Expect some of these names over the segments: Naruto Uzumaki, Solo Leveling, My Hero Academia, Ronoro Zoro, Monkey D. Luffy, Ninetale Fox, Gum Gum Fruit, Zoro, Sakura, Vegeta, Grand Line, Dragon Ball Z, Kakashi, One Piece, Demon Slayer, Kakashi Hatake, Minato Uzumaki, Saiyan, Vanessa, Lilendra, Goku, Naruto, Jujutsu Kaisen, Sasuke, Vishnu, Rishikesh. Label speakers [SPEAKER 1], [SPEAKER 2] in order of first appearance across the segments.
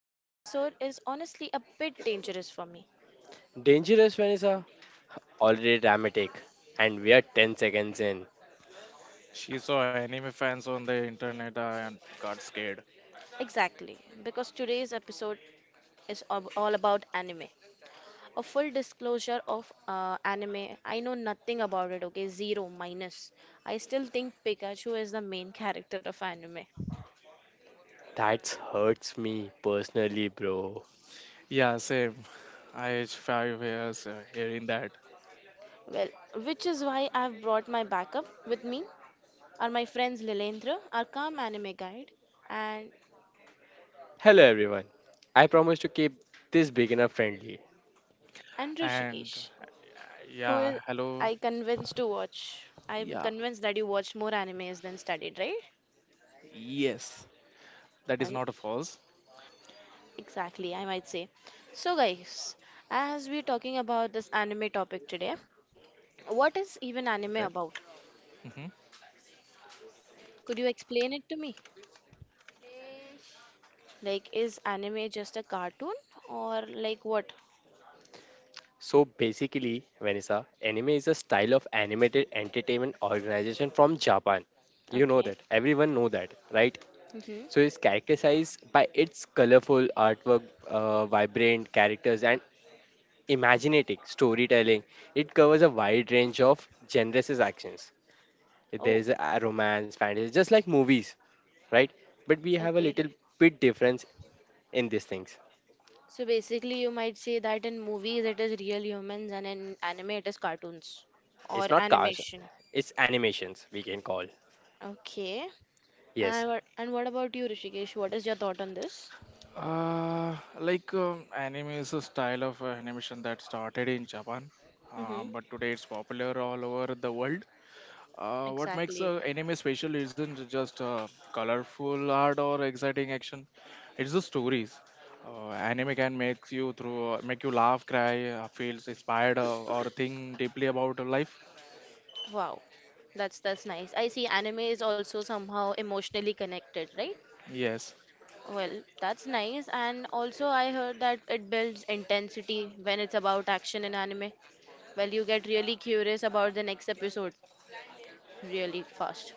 [SPEAKER 1] today's episode is honestly a bit dangerous for me.
[SPEAKER 2] Dangerous Vanessa? Already dramatic. And we are 10 seconds in.
[SPEAKER 3] She saw anime fans on the internet and got scared.
[SPEAKER 1] Exactly, because today's episode is all about anime. A full disclosure of anime, I know nothing about it, okay? Zero, minus. I still think Pikachu is the main character of anime.
[SPEAKER 2] That hurts me personally, bro.
[SPEAKER 3] Yeah, same. I age 5 years hearing that.
[SPEAKER 1] Well, which is why I've brought my backup with me are my friends Lilendra, our calm anime guide, and
[SPEAKER 2] Hello, everyone. I promise to keep this beginner friendly.
[SPEAKER 3] And
[SPEAKER 1] Rishikesh. Who
[SPEAKER 3] Yeah,
[SPEAKER 1] is
[SPEAKER 3] hello.
[SPEAKER 1] I convinced to watch? I'm
[SPEAKER 3] Yeah,
[SPEAKER 1] convinced that you watched more animes than studied, right?
[SPEAKER 3] yes. That is
[SPEAKER 1] Well,
[SPEAKER 3] not a false.
[SPEAKER 1] exactly, I might say. So, guys, as we're talking about this anime topic today, what is even anime
[SPEAKER 3] Okay.
[SPEAKER 1] about?
[SPEAKER 3] hmm
[SPEAKER 1] Could you explain it to me? Like, is anime just a cartoon or like what?
[SPEAKER 2] So, basically, Vanessa, anime is a style of animated entertainment organization from Japan. You know
[SPEAKER 1] Okay.
[SPEAKER 2] that. Everyone know that, right?
[SPEAKER 1] Mm-hmm.
[SPEAKER 2] So, it's characterized by its colorful artwork, vibrant characters, and imaginative storytelling. It covers a wide range of genres' actions,
[SPEAKER 1] Oh,
[SPEAKER 2] there's a romance, fantasy, just like movies, right? But we have a
[SPEAKER 1] okay.
[SPEAKER 2] little bit difference in these things.
[SPEAKER 1] So basically, you might say that in movies it is real humans and in anime it is cartoons
[SPEAKER 2] It's
[SPEAKER 1] or
[SPEAKER 2] not cars,
[SPEAKER 1] animation.
[SPEAKER 2] it's animations we can call.
[SPEAKER 1] Okay.
[SPEAKER 2] Yes,
[SPEAKER 1] And what about you, Rishikesh? What is your thought on this?
[SPEAKER 3] Anime is a style of animation that started in Japan,
[SPEAKER 1] Mm-hmm.
[SPEAKER 3] but today it's popular all over the world. What makes
[SPEAKER 1] Exactly.
[SPEAKER 3] a anime special isn't just colorful art or exciting action; it's the stories. Anime can make you laugh, cry, feels inspired, or think deeply about life.
[SPEAKER 1] Wow. That's nice. I see anime is also somehow emotionally connected, right?
[SPEAKER 3] Yes.
[SPEAKER 1] Well, that's nice. And also I heard that it builds intensity when it's about action in anime. Well, you get really curious about the next episode really fast.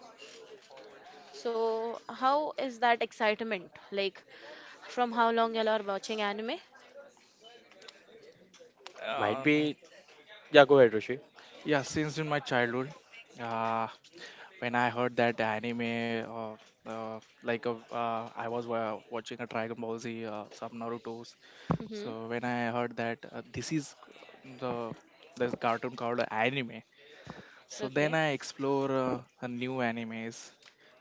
[SPEAKER 1] So, how is that excitement? Like, from how long y'all are watching anime?
[SPEAKER 2] might
[SPEAKER 3] Uh,
[SPEAKER 2] be. Yeah, go ahead, Rishi.
[SPEAKER 3] yeah, since in my childhood, uh, when I heard that anime, I was watching a Dragon Ball Z, some Naruto's.
[SPEAKER 1] Mm-hmm.
[SPEAKER 3] So when I heard that this is the this cartoon called anime. So then
[SPEAKER 1] Okay.
[SPEAKER 3] I explore a new animes.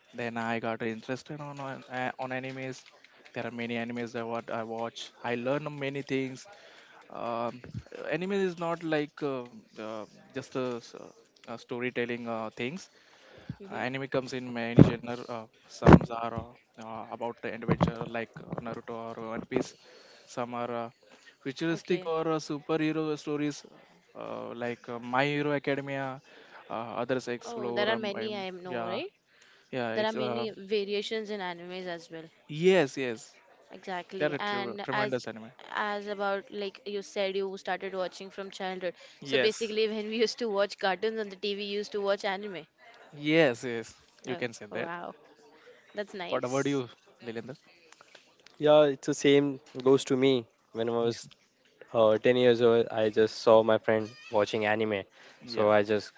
[SPEAKER 3] Then I got interested on animes. There are many animes that what I watch. I learn many things. Um, Anime is not like uh, just a storytelling things.
[SPEAKER 1] Mm-hmm.
[SPEAKER 3] Anime comes in many genre. Some are about the adventure like Naruto or One Piece. Some are futuristic
[SPEAKER 1] Okay.
[SPEAKER 3] or superhero stories like My Hero Academia. Uh, Others
[SPEAKER 1] Oh,
[SPEAKER 3] explore.
[SPEAKER 1] there are many I know,
[SPEAKER 3] Yeah,
[SPEAKER 1] right?
[SPEAKER 3] yeah.
[SPEAKER 1] There are many variations in animes as well.
[SPEAKER 3] Yes, yes. They are
[SPEAKER 1] Exactly.
[SPEAKER 3] a
[SPEAKER 1] And
[SPEAKER 3] tremendous
[SPEAKER 1] as
[SPEAKER 3] anime.
[SPEAKER 1] as about like you said, you started watching from childhood. So
[SPEAKER 3] Yes,
[SPEAKER 1] basically, when we used to watch cartoons on the TV, we used to watch anime.
[SPEAKER 3] yes, yes. You
[SPEAKER 1] Oh,
[SPEAKER 3] can say that.
[SPEAKER 1] wow. That's
[SPEAKER 3] What about
[SPEAKER 1] nice.
[SPEAKER 3] you, Lilendra?
[SPEAKER 2] Yeah, it's the same goes to me. When I
[SPEAKER 3] Yeah.
[SPEAKER 2] was 10 years old, I just saw my friend watching anime. So
[SPEAKER 3] Yeah.
[SPEAKER 2] I just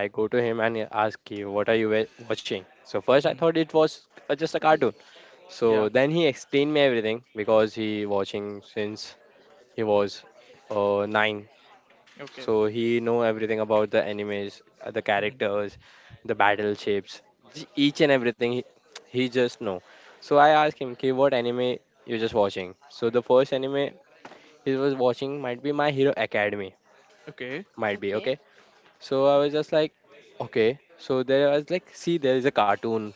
[SPEAKER 2] I go to him and ask him, "What are you watching?" So first I
[SPEAKER 3] Mhm.
[SPEAKER 2] thought it was just a
[SPEAKER 1] Hmm.
[SPEAKER 2] cartoon. So
[SPEAKER 3] Yeah.
[SPEAKER 2] then he explained me everything because he watching since he was nine,
[SPEAKER 3] Okay.
[SPEAKER 2] so he know everything about the animes, the
[SPEAKER 3] Mhm.
[SPEAKER 2] characters, the battleships, each and everything. He just know. So I asked him, okay, what anime you just watching? So the first anime he was watching might be My Hero Academy,
[SPEAKER 3] Okay.
[SPEAKER 2] might be,
[SPEAKER 1] Okay.
[SPEAKER 2] okay. So I was just like, okay, so there I was like, see, there is a cartoon.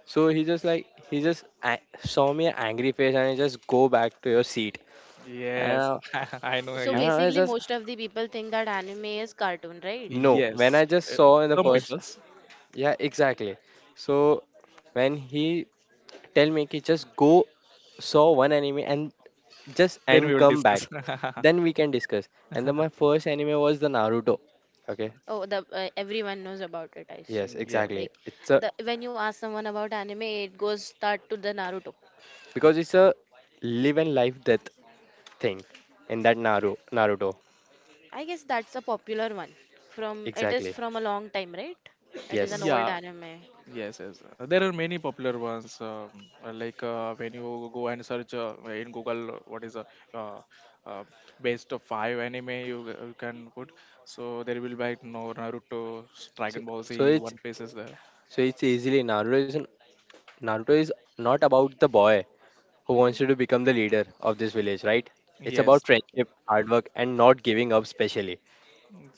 [SPEAKER 2] So he just like he just saw me an angry face and he just go back to your seat. and
[SPEAKER 3] Yes,
[SPEAKER 2] I,
[SPEAKER 3] I know.
[SPEAKER 1] So
[SPEAKER 2] and
[SPEAKER 3] you-
[SPEAKER 2] I was
[SPEAKER 1] basically,
[SPEAKER 2] just
[SPEAKER 1] most of the people think that anime is cartoon, right?
[SPEAKER 2] no when
[SPEAKER 3] Yes,
[SPEAKER 2] I just
[SPEAKER 3] uh,
[SPEAKER 2] saw in the
[SPEAKER 3] some
[SPEAKER 1] Most
[SPEAKER 2] first.
[SPEAKER 3] people's.
[SPEAKER 2] Yeah, exactly. So when he tell me ki, just go saw one anime and just
[SPEAKER 3] Then we
[SPEAKER 2] and
[SPEAKER 3] will
[SPEAKER 2] come back,
[SPEAKER 3] discuss.
[SPEAKER 2] then we can discuss. And then my first anime was the Naruto. Okay.
[SPEAKER 1] oh the everyone knows about it, I see.
[SPEAKER 2] Yes,
[SPEAKER 3] Yeah,
[SPEAKER 2] exactly.
[SPEAKER 1] Like
[SPEAKER 2] It's a
[SPEAKER 1] the when you ask someone about anime, it goes start to the Naruto.
[SPEAKER 2] because it's a live and life death thing in that Naruto.
[SPEAKER 1] I guess that's a popular one. From it is
[SPEAKER 2] Exactly.
[SPEAKER 1] from a long time, right? It is an
[SPEAKER 2] Yes.
[SPEAKER 1] old
[SPEAKER 3] yeah,
[SPEAKER 1] anime.
[SPEAKER 3] yes, yes. There are many popular ones. Like when you go and search in Google, what is a uh, uh, best of five anime you can put. So there will be like no Naruto,
[SPEAKER 2] So,
[SPEAKER 3] Dragon Ball
[SPEAKER 2] so
[SPEAKER 3] Z,
[SPEAKER 2] it's
[SPEAKER 3] One Piece is there.
[SPEAKER 2] easily Naruto is Naruto is not about the boy who wants
[SPEAKER 1] Hmm.
[SPEAKER 2] to become the leader of this village, right? It's about
[SPEAKER 3] Yes,
[SPEAKER 1] Okay.
[SPEAKER 2] friendship, hard work, and not giving up, specially.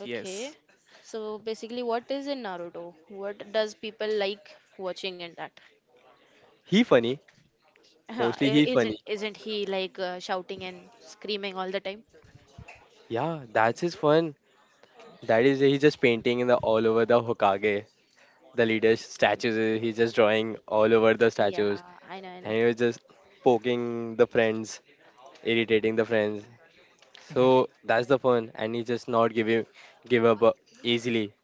[SPEAKER 1] Okay.
[SPEAKER 3] yes,
[SPEAKER 1] So basically, what is in Naruto? What does people like watching in that?
[SPEAKER 2] He funny,
[SPEAKER 1] Huh,
[SPEAKER 2] mostly
[SPEAKER 1] I-
[SPEAKER 2] he funny.
[SPEAKER 1] Isn't isn't he like shouting and screaming all the time?
[SPEAKER 2] Yeah, that's his fun. That is he's just painting in the all over the Hokage, the leader's statues. He's just drawing all over the
[SPEAKER 1] Yeah,
[SPEAKER 2] statues,
[SPEAKER 1] I know, I know.
[SPEAKER 2] and he was just poking the friends, irritating the friends. So that's the fun, and he just not giving give up easily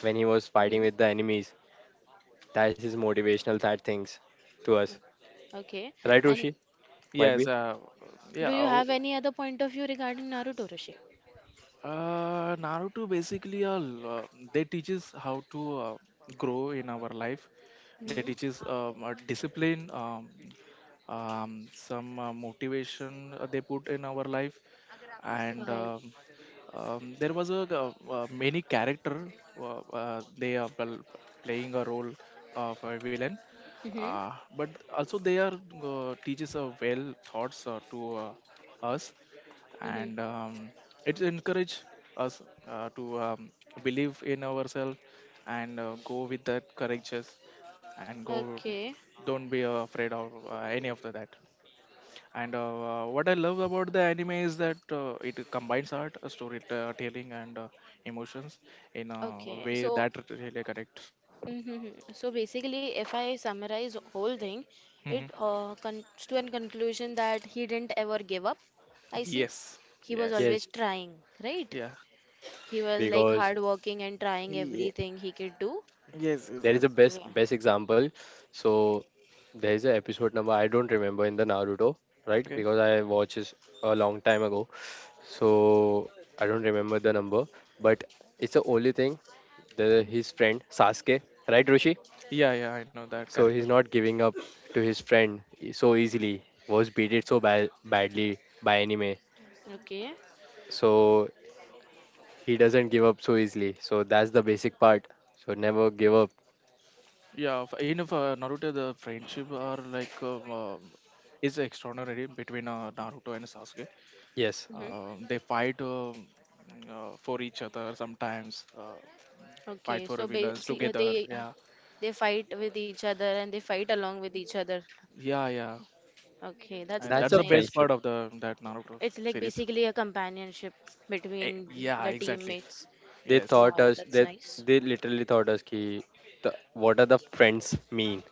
[SPEAKER 2] when he was
[SPEAKER 1] Hmm.
[SPEAKER 2] fighting with the enemies. That's his motivational side things to us,
[SPEAKER 1] Okay.
[SPEAKER 2] right,
[SPEAKER 3] yes,
[SPEAKER 1] And
[SPEAKER 2] Roshi? Might be.
[SPEAKER 3] yes.
[SPEAKER 1] do
[SPEAKER 3] Yeah.
[SPEAKER 1] you
[SPEAKER 3] uh,
[SPEAKER 1] have any other point of view regarding Naruto, Rishi?
[SPEAKER 3] Naruto basically they teaches how to grow in our life. They
[SPEAKER 1] Hmm.
[SPEAKER 3] teaches discipline, some motivation they put in our life, and
[SPEAKER 1] Right.
[SPEAKER 3] um, um, there was many character they are well, playing a role of a villain.
[SPEAKER 1] Hmm.
[SPEAKER 3] But also they are teaches well thoughts to us
[SPEAKER 1] Hmm.
[SPEAKER 3] and it encourages us to believe in ourselves and go with that courageous and go
[SPEAKER 1] Okay.
[SPEAKER 3] don't be afraid of any of the that. And what I love about the anime is that it combines art, storytelling, and emotions in a
[SPEAKER 1] Okay,
[SPEAKER 3] way
[SPEAKER 1] so
[SPEAKER 3] that really connects.
[SPEAKER 1] mhm. So basically, if I summarize whole thing,
[SPEAKER 3] hmm
[SPEAKER 1] it comes to an conclusion that he didn't ever give up. I see.
[SPEAKER 3] yes,
[SPEAKER 1] He was
[SPEAKER 3] yes,
[SPEAKER 2] Yes,
[SPEAKER 1] always trying, right?
[SPEAKER 3] yeah.
[SPEAKER 1] He was like
[SPEAKER 2] because
[SPEAKER 1] hardworking and trying
[SPEAKER 3] Ye-
[SPEAKER 1] everything he could do.
[SPEAKER 3] Yes, yes,
[SPEAKER 2] there is a best
[SPEAKER 3] absolutely.
[SPEAKER 1] Yeah.
[SPEAKER 2] best example. So, there is a episode number I don't remember in the Naruto, right?
[SPEAKER 3] Okay,
[SPEAKER 2] Because I watched this a long time ago, so I don't remember the number. But it's the only thing, the his
[SPEAKER 1] Hmm.
[SPEAKER 2] friend Sasuke, right, Rushi?
[SPEAKER 3] yeah, yeah, I know that
[SPEAKER 2] So
[SPEAKER 3] character.
[SPEAKER 2] he's not giving up to his friend so easily. Was beaten so bad, badly by anime,
[SPEAKER 1] Okay.
[SPEAKER 2] so he doesn't give up so easily. So that's the basic part. So never give up.
[SPEAKER 3] In Naruto, the friendship are like is extraordinary between Naruto and Sasuke.
[SPEAKER 2] Yes,
[SPEAKER 1] Hmm.
[SPEAKER 3] They fight for each other sometimes, fight
[SPEAKER 1] Okay.
[SPEAKER 3] for
[SPEAKER 1] So
[SPEAKER 3] villains
[SPEAKER 1] basically,
[SPEAKER 3] together.
[SPEAKER 1] they
[SPEAKER 3] Yeah,
[SPEAKER 1] they fight with each other and they fight along with each other.
[SPEAKER 3] yeah, yeah,
[SPEAKER 1] Okay, that's
[SPEAKER 3] and
[SPEAKER 2] that's
[SPEAKER 1] that's
[SPEAKER 3] that's
[SPEAKER 2] a
[SPEAKER 3] the best
[SPEAKER 1] nice.
[SPEAKER 2] friendship.
[SPEAKER 3] part of the that Naruto
[SPEAKER 1] It's like
[SPEAKER 3] series.
[SPEAKER 1] basically a companionship
[SPEAKER 3] Eh,
[SPEAKER 1] between
[SPEAKER 3] yeah,
[SPEAKER 1] the
[SPEAKER 3] exactly.
[SPEAKER 1] teammates.
[SPEAKER 2] They
[SPEAKER 3] Yes,
[SPEAKER 2] thought
[SPEAKER 1] Wow,
[SPEAKER 2] us
[SPEAKER 1] that's
[SPEAKER 2] that
[SPEAKER 1] nice.
[SPEAKER 2] they literally thought us ki the, what are the friends mean?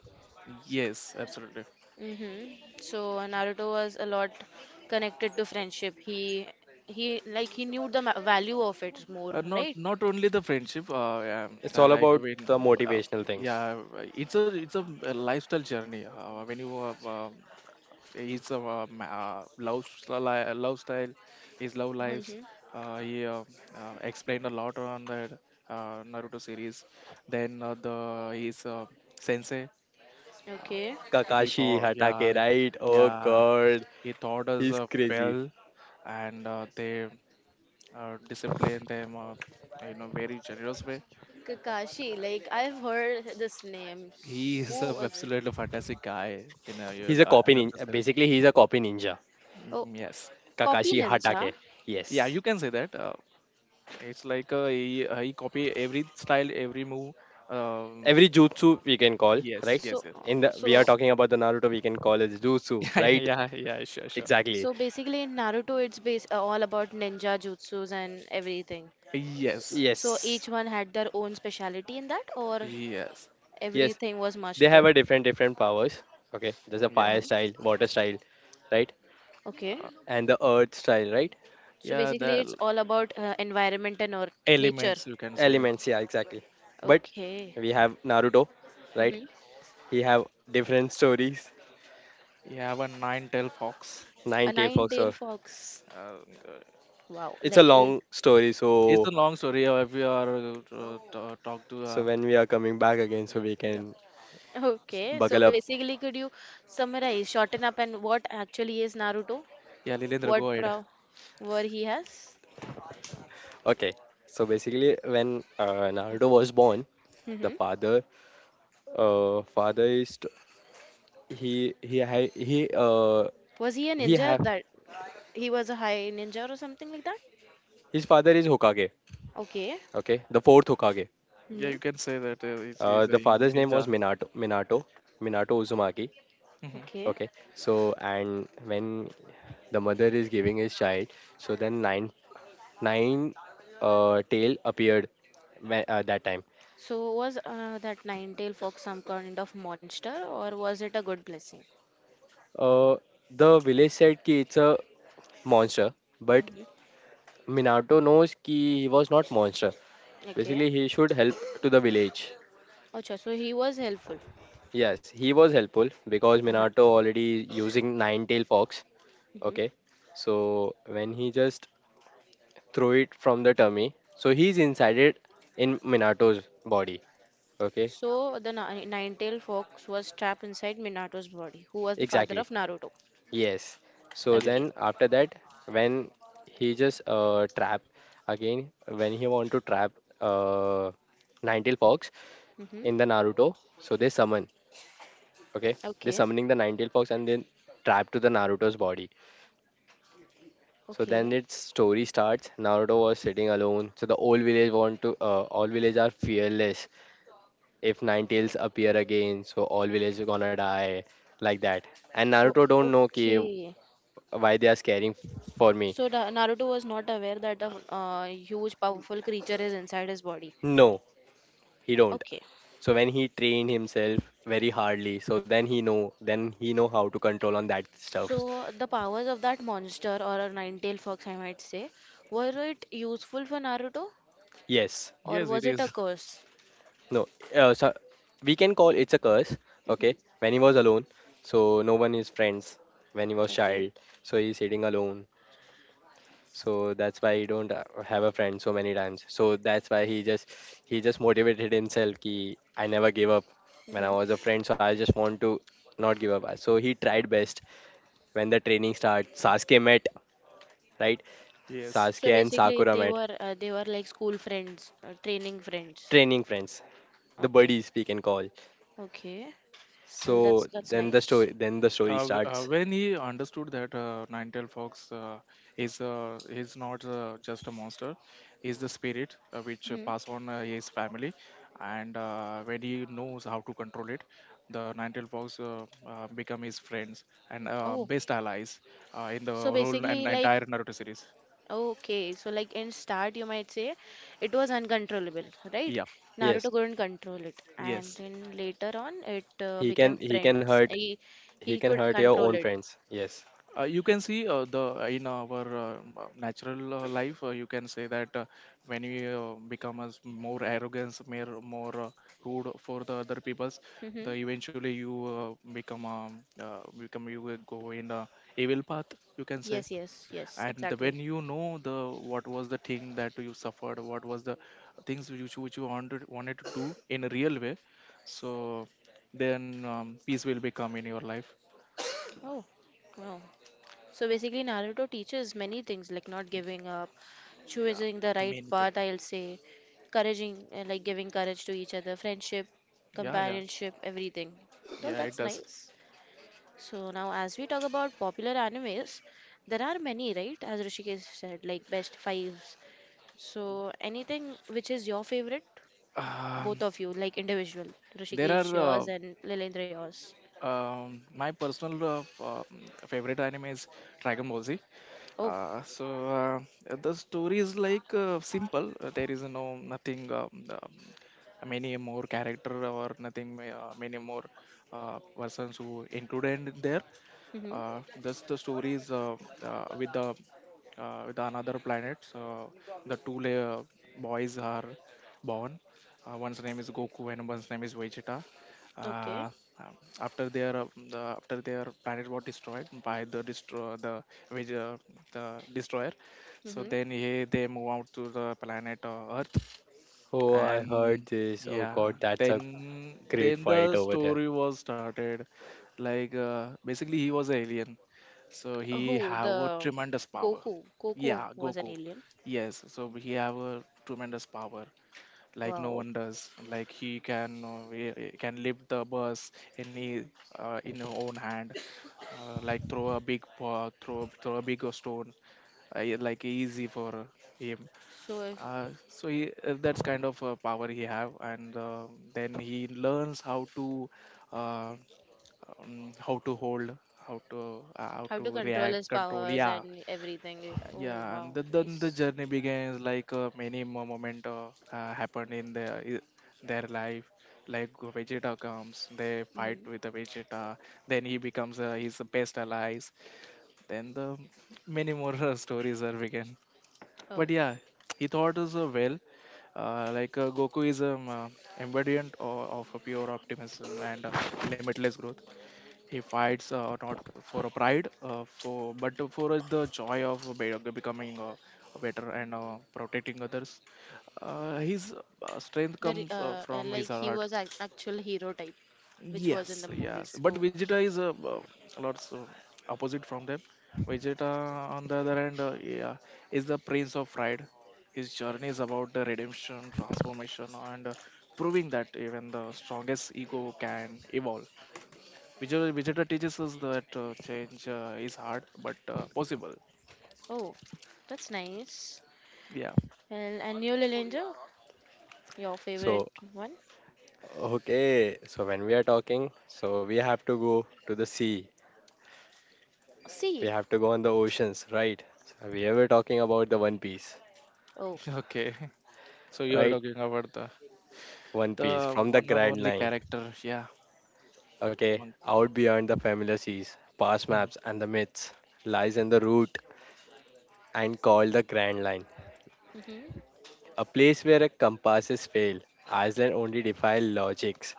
[SPEAKER 3] yes, absolutely.
[SPEAKER 1] Mm-hmm. So Naruto was a lot connected to friendship. He like he knew the value of it more,
[SPEAKER 3] Not
[SPEAKER 1] right?
[SPEAKER 3] not only the friendship. Yeah,
[SPEAKER 2] It's all
[SPEAKER 3] like
[SPEAKER 2] about
[SPEAKER 3] when.
[SPEAKER 2] the
[SPEAKER 3] Uh,
[SPEAKER 2] motivational things.
[SPEAKER 3] yeah, it's a lifestyle journey. When you his ma- love, style- Love style, his love lives.
[SPEAKER 1] Mm-hmm.
[SPEAKER 3] He explained a lot on the Naruto series. Then the his sensei, um,
[SPEAKER 1] Okay.
[SPEAKER 3] he
[SPEAKER 2] Kakashi
[SPEAKER 3] thought,
[SPEAKER 2] Hatake,
[SPEAKER 3] yeah,
[SPEAKER 2] right? Oh
[SPEAKER 3] yeah,
[SPEAKER 2] god,
[SPEAKER 3] he taught us
[SPEAKER 2] he's crazy.
[SPEAKER 3] well, and they disciplined them in a very generous way.
[SPEAKER 1] Kakashi, like I've heard this name.
[SPEAKER 3] He
[SPEAKER 1] Who
[SPEAKER 3] is a
[SPEAKER 1] was it?
[SPEAKER 3] absolutely fantastic guy in a,
[SPEAKER 2] He's a copy
[SPEAKER 3] Naruto
[SPEAKER 2] ninja.
[SPEAKER 3] series.
[SPEAKER 2] Basically, he's a copy ninja.
[SPEAKER 1] Oh,
[SPEAKER 3] Mhm, yes,
[SPEAKER 1] copy
[SPEAKER 2] Kakashi
[SPEAKER 1] ninja.
[SPEAKER 2] Hatake.
[SPEAKER 3] yeah,
[SPEAKER 2] Yes.
[SPEAKER 3] you can say that. It's like he copy every style, every move. Um,
[SPEAKER 2] Every jutsu, we can call,
[SPEAKER 3] yes,
[SPEAKER 2] right?
[SPEAKER 3] yes,
[SPEAKER 1] So
[SPEAKER 3] yes.
[SPEAKER 2] In
[SPEAKER 1] uh,
[SPEAKER 2] the, we are
[SPEAKER 1] so
[SPEAKER 2] talking about the Naruto, we can call it jutsu,
[SPEAKER 3] Yeah,
[SPEAKER 2] right?
[SPEAKER 3] yeah, yeah. Sure, sure.
[SPEAKER 2] Exactly.
[SPEAKER 1] so basically in Naruto it's base all about ninja jutsus and everything.
[SPEAKER 3] Yes,
[SPEAKER 1] So each
[SPEAKER 2] Yes.
[SPEAKER 1] one had their own speciality in that, or
[SPEAKER 3] yes.
[SPEAKER 2] Yes.
[SPEAKER 1] everything was
[SPEAKER 2] They
[SPEAKER 1] mastered.
[SPEAKER 2] have a different powers. Okay. There's a
[SPEAKER 3] Yeah,
[SPEAKER 1] uh
[SPEAKER 2] fire style, water style, right?
[SPEAKER 1] Okay.
[SPEAKER 3] uh,
[SPEAKER 2] And the earth style, right,
[SPEAKER 1] So
[SPEAKER 3] yeah.
[SPEAKER 1] basically,
[SPEAKER 3] The
[SPEAKER 1] it's
[SPEAKER 3] l-
[SPEAKER 1] all about environment and earth, nature.
[SPEAKER 3] elements you can say.
[SPEAKER 2] elements, yeah, exactly. But
[SPEAKER 1] Okay.
[SPEAKER 2] we have Naruto, right?
[SPEAKER 1] Mm-hmm.
[SPEAKER 2] He have different stories.
[SPEAKER 3] Yeah, one 9 tail fox.
[SPEAKER 2] Nine
[SPEAKER 1] A
[SPEAKER 2] tail fox. So
[SPEAKER 1] nine-tailed fox.
[SPEAKER 3] Uh, uh,
[SPEAKER 1] Wow.
[SPEAKER 2] it's a
[SPEAKER 1] Like it.
[SPEAKER 2] long story.
[SPEAKER 3] it's
[SPEAKER 2] So,
[SPEAKER 3] a long story. If you are to- talk to,
[SPEAKER 2] when we are coming back again, so we
[SPEAKER 3] yeah,
[SPEAKER 2] can
[SPEAKER 3] it's,
[SPEAKER 1] Okay.
[SPEAKER 2] buckle
[SPEAKER 1] So
[SPEAKER 2] up.
[SPEAKER 1] basically, could you summarize, shorten up, and what actually is Naruto?
[SPEAKER 3] Yeah, Lilendra,
[SPEAKER 1] What
[SPEAKER 3] go ahead.
[SPEAKER 1] power he has?
[SPEAKER 2] Okay, so basically, when Naruto was born, the
[SPEAKER 1] Mm-hmm.
[SPEAKER 2] father, uh father is t- he he ha- he uh
[SPEAKER 1] Was he a
[SPEAKER 2] he
[SPEAKER 1] ninja
[SPEAKER 2] have
[SPEAKER 1] that he was a high ninja or something like that?
[SPEAKER 2] his father is Hokage.
[SPEAKER 1] Okay.
[SPEAKER 2] Okay, the fourth Hokage.
[SPEAKER 3] Yeah,
[SPEAKER 1] Mm-hmm.
[SPEAKER 3] you can say that he's a
[SPEAKER 2] The father's name was
[SPEAKER 3] ninja.
[SPEAKER 2] Minato Uzumaki.
[SPEAKER 3] hmm
[SPEAKER 1] Okay.
[SPEAKER 2] Okay, so and when the mother is giving his child, so then nine tail appeared that time.
[SPEAKER 1] So was that nine-tailed fox some kind of monster or was it a good blessing?
[SPEAKER 2] Uh, the village said ki it's a monster, but
[SPEAKER 1] Mm-hmm.
[SPEAKER 2] Minato knows ki he was not monster.
[SPEAKER 1] Okay.
[SPEAKER 2] Basically, he should help to the village.
[SPEAKER 1] Acha, so he was helpful.
[SPEAKER 2] Yes, he was helpful because
[SPEAKER 1] Uh-huh.
[SPEAKER 2] Minato already using nine tail fox.
[SPEAKER 1] Mhm.
[SPEAKER 2] Okay, so when he just threw it from the tummy, so he's inside it in Minato's body. Okay,
[SPEAKER 1] So the tailed Fox was trapped inside Minato's body, who was the father
[SPEAKER 2] exactly.
[SPEAKER 1] of Naruto.
[SPEAKER 2] Yes. So
[SPEAKER 1] Okay.
[SPEAKER 2] then
[SPEAKER 3] Yes,
[SPEAKER 2] after that, when he just trap again, when he want to trap uh Ninetale Fox
[SPEAKER 1] Mhm.
[SPEAKER 2] in the Naruto, so they summon. Okay, they
[SPEAKER 1] Okay.
[SPEAKER 2] summoning the Ninetale Fox and then trap to the Naruto's body. So then
[SPEAKER 1] Okay.
[SPEAKER 2] its story starts. Naruto was sitting alone. So the old village want to, all village are fearless. If Ninetales appear again, so all village is gonna die like that. And
[SPEAKER 1] So,
[SPEAKER 2] Naruto don't know ki
[SPEAKER 1] okay.
[SPEAKER 2] why they are scaring for me.
[SPEAKER 1] So the Naruto was not aware that a huge powerful creature is inside his body.
[SPEAKER 2] No, he don't.
[SPEAKER 1] Okay.
[SPEAKER 2] So when he train himself very hardly, so then he know how to control on that stuff.
[SPEAKER 1] So the powers of that monster or a nine-tailed Fox, I might say, were it useful for Naruto
[SPEAKER 2] Yes,
[SPEAKER 1] or
[SPEAKER 3] yes, it
[SPEAKER 1] was it a
[SPEAKER 3] is.
[SPEAKER 1] curse?
[SPEAKER 2] no. So we can call it's a curse. Okay,
[SPEAKER 1] Mm-hmm.
[SPEAKER 2] when he was alone, so no one is friends. When he was
[SPEAKER 1] Okay.
[SPEAKER 2] child, so he's sitting alone. So that's why he don't have a friend so many times. So that's why he just motivated himself. Ki I never gave up when I
[SPEAKER 1] Mm-hmm.
[SPEAKER 2] was a friend. So I just want to not give up. So he tried best. When the training starts, Sasuke met, right?
[SPEAKER 3] Yes.
[SPEAKER 2] Sasuke
[SPEAKER 1] So
[SPEAKER 2] and
[SPEAKER 1] basically,
[SPEAKER 2] Sakura
[SPEAKER 1] they
[SPEAKER 2] met,
[SPEAKER 1] were like school friends, training friends.
[SPEAKER 2] training friends, the
[SPEAKER 1] Okay,
[SPEAKER 2] buddies, we can call.
[SPEAKER 1] okay. Well, that's
[SPEAKER 2] So
[SPEAKER 1] that's nice.
[SPEAKER 2] then the story starts.
[SPEAKER 3] When he understood that Ninetale Fox is not just a monster, is the spirit which
[SPEAKER 1] Hmm.
[SPEAKER 3] pass on his family, and when he knows how to control it, the Ninetale Fox become his friends and
[SPEAKER 1] Oh,
[SPEAKER 3] best allies in the
[SPEAKER 1] so
[SPEAKER 3] whole
[SPEAKER 1] basically,
[SPEAKER 3] and
[SPEAKER 1] like
[SPEAKER 3] entire Naruto series.
[SPEAKER 1] okay, so like in start, you might say it was uncontrollable, right?
[SPEAKER 3] Yeah.
[SPEAKER 2] Yes,
[SPEAKER 1] Naruto couldn't control it, and
[SPEAKER 3] Yes.
[SPEAKER 1] then later on, it
[SPEAKER 2] he
[SPEAKER 1] became
[SPEAKER 2] can he can
[SPEAKER 1] friends.
[SPEAKER 2] hurt
[SPEAKER 1] He
[SPEAKER 2] he can
[SPEAKER 1] could
[SPEAKER 2] hurt your
[SPEAKER 1] control
[SPEAKER 2] own
[SPEAKER 1] it.
[SPEAKER 2] friends. Yes.
[SPEAKER 3] You can see the in our natural life, you can say that when we become as more arrogance, more more rude for the other peoples, the
[SPEAKER 1] Hmm.
[SPEAKER 3] eventually you become, you will go in a evil path, you can say.
[SPEAKER 1] Yes, yes, yes,
[SPEAKER 3] And the, when
[SPEAKER 1] exactly.
[SPEAKER 3] you know the what was the thing that you suffered, what was the things which, which you wanted to do in a real way, so then peace will become in your life.
[SPEAKER 1] Oh, wow. So basically, Naruto teaches many things like not giving up,
[SPEAKER 3] Yeah,
[SPEAKER 1] choosing the right
[SPEAKER 3] many things.
[SPEAKER 1] path, I'll say, encouraging, like giving courage to each other, friendship,
[SPEAKER 3] Yeah, yeah.
[SPEAKER 1] companionship, everything. Well,
[SPEAKER 3] Yeah, it
[SPEAKER 1] that's
[SPEAKER 3] does.
[SPEAKER 1] nice. So now, as we talk about popular animes, there are many, right? As Rishikesh said, like best fives. So anything which is your favorite,
[SPEAKER 3] Um,
[SPEAKER 1] both of you, like individual.
[SPEAKER 3] there
[SPEAKER 1] Rishikesh,
[SPEAKER 3] are
[SPEAKER 1] yours, and Lilendra, yours.
[SPEAKER 3] my personal favorite anime is Dragon Ball Z.
[SPEAKER 1] Oh,
[SPEAKER 3] Uh, so uh, the story is like simple. There is no nothing many more character, or nothing many more persons who included in there.
[SPEAKER 1] mm-hmm.
[SPEAKER 3] Thus the stories with the with another planet, the two la- boys are born. One's name is Goku and one's name is Vegeta.
[SPEAKER 1] Okay.
[SPEAKER 3] uh, After their, after their planet was destroyed by the Veg- uh, the destroyer, so
[SPEAKER 1] Mm-hmm.
[SPEAKER 3] then they move out to the planet earth.
[SPEAKER 2] Oh, I heard
[SPEAKER 3] And
[SPEAKER 2] this. Oh
[SPEAKER 3] Yeah,
[SPEAKER 2] God, that's a great
[SPEAKER 3] then
[SPEAKER 2] fight
[SPEAKER 3] the
[SPEAKER 2] over there.
[SPEAKER 3] story was started. Like basically he was an alien, so he
[SPEAKER 1] Who?
[SPEAKER 3] have a
[SPEAKER 1] The
[SPEAKER 3] tremendous power.
[SPEAKER 1] Goku. Goku
[SPEAKER 3] Yeah,
[SPEAKER 1] was an
[SPEAKER 3] Goku.
[SPEAKER 1] alien.
[SPEAKER 3] Yes, so he have a tremendous power like no
[SPEAKER 1] Wow.
[SPEAKER 3] one does. Like he can he can lift the bus, any in his own hand, like throw a big paw, throw a big stone, yeah, like easy for him.
[SPEAKER 1] So if
[SPEAKER 3] That's kind of power he have, and then he learns uh, how to hold, how
[SPEAKER 1] how to
[SPEAKER 3] to
[SPEAKER 1] control
[SPEAKER 3] react,
[SPEAKER 1] his
[SPEAKER 3] control.
[SPEAKER 1] powers
[SPEAKER 3] Yeah,
[SPEAKER 1] and everything. Oh
[SPEAKER 3] yeah. And
[SPEAKER 1] wow,
[SPEAKER 3] the, then the
[SPEAKER 1] nice.
[SPEAKER 3] journey begins. Like many moment happened in their their life. Like Vegeta comes, they fight
[SPEAKER 1] Hmm.
[SPEAKER 3] with the Vegeta. Then he becomes his best allies. Then the many more stories are began.
[SPEAKER 1] Oh,
[SPEAKER 3] But yeah, he thought as well, Goku is embodiment of a pure optimism and limitless growth. He
[SPEAKER 1] uh,
[SPEAKER 3] fights not for a pride, for but for the joy of becoming better and protecting others. His strength comes from his
[SPEAKER 1] like he
[SPEAKER 3] heart.
[SPEAKER 1] was an actual hero type, which was in
[SPEAKER 3] Yes,
[SPEAKER 1] the
[SPEAKER 3] yes.
[SPEAKER 1] movies. Oh,
[SPEAKER 3] But Vegeta is a lots opposite from them. Vegeta, on the other hand, yeah, is the prince of pride. His journey is about the redemption, transformation, and proving that even the strongest ego can evolve. Vegeta teaches us that change is hard but possible.
[SPEAKER 1] oh, that's nice.
[SPEAKER 3] Yeah.
[SPEAKER 1] And New Little your favorite
[SPEAKER 2] So,
[SPEAKER 1] one?
[SPEAKER 2] okay, so when we are talking, so we have to go to the sea. We
[SPEAKER 1] C.
[SPEAKER 2] have to go on the oceans, right? So we were talking about the One Piece,
[SPEAKER 1] Oh.
[SPEAKER 3] Okay. So you are
[SPEAKER 2] right?
[SPEAKER 3] talking about
[SPEAKER 2] One Piece
[SPEAKER 3] the
[SPEAKER 2] from the
[SPEAKER 3] one and
[SPEAKER 2] Grand
[SPEAKER 3] only
[SPEAKER 2] Line.
[SPEAKER 3] character. Yeah.
[SPEAKER 2] Okay,
[SPEAKER 3] Monk.
[SPEAKER 2] out beyond the familiar seas, past maps and the myths, lies in the route and called the Grand Line,
[SPEAKER 1] Mm-hmm.
[SPEAKER 2] a place where a compasses fail, Iceland only defy logics,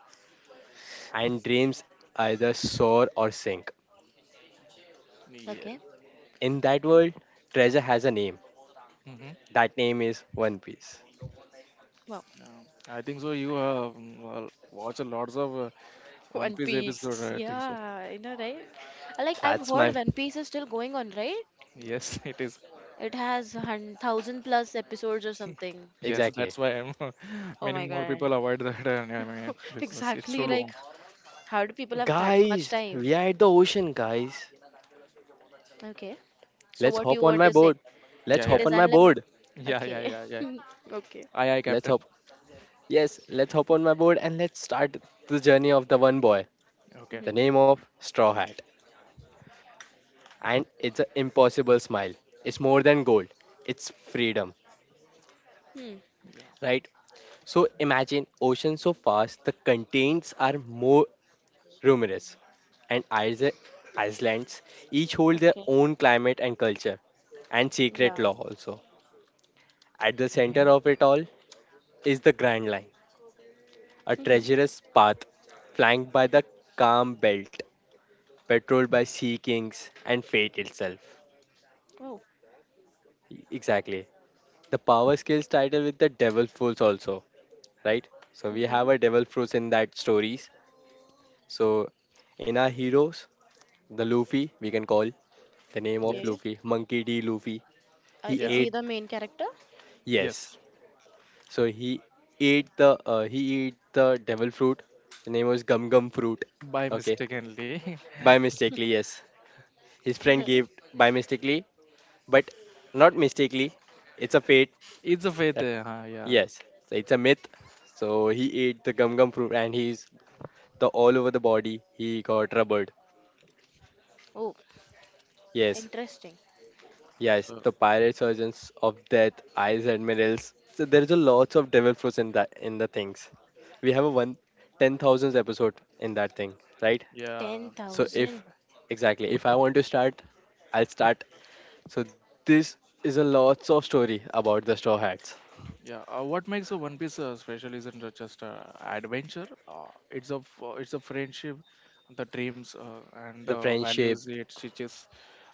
[SPEAKER 2] and dreams either soar or sink.
[SPEAKER 3] Yes.
[SPEAKER 1] Okay.
[SPEAKER 2] In that world, treasure has a name. That name is One Piece.
[SPEAKER 1] Wow.
[SPEAKER 3] Yeah, I think so. You well, watch a lots of One
[SPEAKER 1] One
[SPEAKER 3] Piece episode.
[SPEAKER 1] Piece.
[SPEAKER 3] I
[SPEAKER 1] Yeah,
[SPEAKER 3] think so.
[SPEAKER 1] I know, right? Like I've
[SPEAKER 2] That's
[SPEAKER 1] heard
[SPEAKER 2] my,
[SPEAKER 1] One Piece is still going on, right?
[SPEAKER 3] Yes, it is.
[SPEAKER 1] It has thousand plus episodes or something.
[SPEAKER 3] Yes, that's
[SPEAKER 2] exactly.
[SPEAKER 3] why I'm,
[SPEAKER 1] Oh
[SPEAKER 3] many
[SPEAKER 1] my
[SPEAKER 3] more
[SPEAKER 1] God.
[SPEAKER 3] people avoid that anime because it's so
[SPEAKER 1] Exactly. Like,
[SPEAKER 3] long.
[SPEAKER 1] how do people have that much
[SPEAKER 2] Guys,
[SPEAKER 1] time?
[SPEAKER 2] we are at the ocean, guys.
[SPEAKER 1] Okay. So,
[SPEAKER 2] Let's
[SPEAKER 1] what do
[SPEAKER 2] hop
[SPEAKER 1] you
[SPEAKER 2] on
[SPEAKER 1] want
[SPEAKER 2] my
[SPEAKER 1] to say?
[SPEAKER 2] board. Let's
[SPEAKER 3] Yeah,
[SPEAKER 1] It
[SPEAKER 2] hop
[SPEAKER 3] yeah,
[SPEAKER 1] is
[SPEAKER 2] on my
[SPEAKER 1] unlimited.
[SPEAKER 2] board.
[SPEAKER 3] yeah, yeah,
[SPEAKER 1] Okay.
[SPEAKER 3] yeah, yeah.
[SPEAKER 1] Okay.
[SPEAKER 3] Aye, aye,
[SPEAKER 2] Let's
[SPEAKER 3] Captain.
[SPEAKER 2] hop. Yes, let's hop on my board and let's start the journey of the one boy,
[SPEAKER 3] Okay.
[SPEAKER 2] the
[SPEAKER 1] Mm-hmm.
[SPEAKER 2] name of Straw Hat. And it's an impossible smile. It's more than gold, it's freedom,
[SPEAKER 1] Hmm.
[SPEAKER 3] Yeah.
[SPEAKER 2] right? So imagine ocean so vast, the continents are more numerous. And islands each hold their
[SPEAKER 1] Okay.
[SPEAKER 2] own climate and culture and
[SPEAKER 1] Yeah.
[SPEAKER 2] secret law also. At the
[SPEAKER 3] hmm
[SPEAKER 2] center of it all is the Grand Line, a
[SPEAKER 1] Mm-hmm.
[SPEAKER 2] treacherous path flanked by the calm belt, patrolled by sea kings and fate itself.
[SPEAKER 1] Oh.
[SPEAKER 2] Exactly. The power skills title with the devil fruits also, right? So we have
[SPEAKER 1] Mm-hmm.
[SPEAKER 2] a devil fruits in that stories. So in our heroes, the Luffy, we can call the name of
[SPEAKER 3] Yes.
[SPEAKER 1] Okay.
[SPEAKER 2] Luffy, Monkey D. Luffy. He
[SPEAKER 1] Is
[SPEAKER 3] Yeah.
[SPEAKER 1] he
[SPEAKER 2] ate,
[SPEAKER 1] the main character?
[SPEAKER 2] yes.
[SPEAKER 3] Yes.
[SPEAKER 2] So he ate the devil fruit. The name was Gum Gum Fruit.
[SPEAKER 3] By
[SPEAKER 2] Okay,
[SPEAKER 3] mistakenly,
[SPEAKER 2] by mistakenly, yes. His friend
[SPEAKER 1] Mhm.
[SPEAKER 2] gave by mistakenly, but not mistakenly. It's a fate.
[SPEAKER 3] it's a faith.
[SPEAKER 2] Uh,
[SPEAKER 3] Yeah.
[SPEAKER 2] Yes so it's a myth. So he ate the gum gum fruit and he's, the all over the body, he got rubbered.
[SPEAKER 1] Oh,
[SPEAKER 2] Yes,
[SPEAKER 1] interesting.
[SPEAKER 2] yes,
[SPEAKER 3] So
[SPEAKER 2] the pirate surgeons of death, eyes admirals. So there's a lots of devil fruits in that, in the things. We have a one ten thousands episode in that thing, right?
[SPEAKER 3] yeah.
[SPEAKER 2] So if,
[SPEAKER 1] 10,000.
[SPEAKER 2] exactly, if I want to start, I'll start. So this is a lots of story about the straw hats,
[SPEAKER 3] Yeah, what makes a One Piece special isn't just adventure. It's a friendship, the dreams, and
[SPEAKER 2] the
[SPEAKER 3] the
[SPEAKER 2] friendship,
[SPEAKER 3] values it teaches.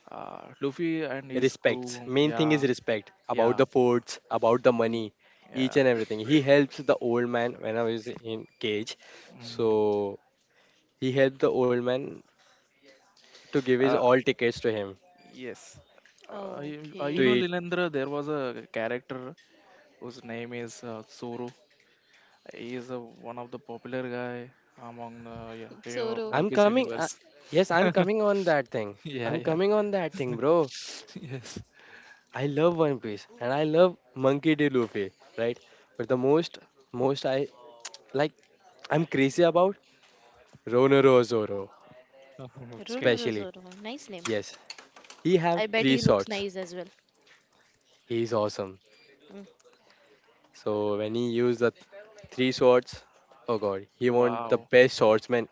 [SPEAKER 3] Luffy and his
[SPEAKER 2] respects.
[SPEAKER 3] crew.
[SPEAKER 2] Main thing is
[SPEAKER 3] Yeah,
[SPEAKER 2] respect about
[SPEAKER 3] yeah,
[SPEAKER 2] the forts, about the
[SPEAKER 1] Mhm.
[SPEAKER 2] money, each
[SPEAKER 3] yeah.
[SPEAKER 2] and everything. He helps the old man when I was in cage.
[SPEAKER 3] Mhm.
[SPEAKER 2] So he helped the old man to give his
[SPEAKER 3] Uh,
[SPEAKER 2] all tickets to him
[SPEAKER 3] yes. You
[SPEAKER 2] to
[SPEAKER 3] know,
[SPEAKER 1] Okay.
[SPEAKER 2] eat.
[SPEAKER 3] Lilendra, there was a character whose name is Zoro. He is one of the popular guy among, yeah, you know,
[SPEAKER 1] Zoro.
[SPEAKER 3] One
[SPEAKER 2] I'm
[SPEAKER 3] Piece
[SPEAKER 2] coming. Uh,
[SPEAKER 3] universe.
[SPEAKER 2] yes, I'm coming on that thing.
[SPEAKER 3] Yeah,
[SPEAKER 2] I'm
[SPEAKER 3] yeah.
[SPEAKER 2] coming on that thing, bro.
[SPEAKER 3] Yes.
[SPEAKER 2] I love One Piece and I love Monkey D. Luffy, right? But the most, most I like, I'm crazy about Ronoro Zoro,
[SPEAKER 3] Okay.
[SPEAKER 1] Ronoro
[SPEAKER 2] especially.
[SPEAKER 1] Zoro. Nice name.
[SPEAKER 2] Yes, he have
[SPEAKER 1] I bet
[SPEAKER 2] three
[SPEAKER 1] he looks
[SPEAKER 2] swords.
[SPEAKER 1] nice as well.
[SPEAKER 2] He's awesome.
[SPEAKER 1] Mm.
[SPEAKER 2] So when he use the three swords, oh god, he won the
[SPEAKER 3] Wow.
[SPEAKER 2] best swordsman,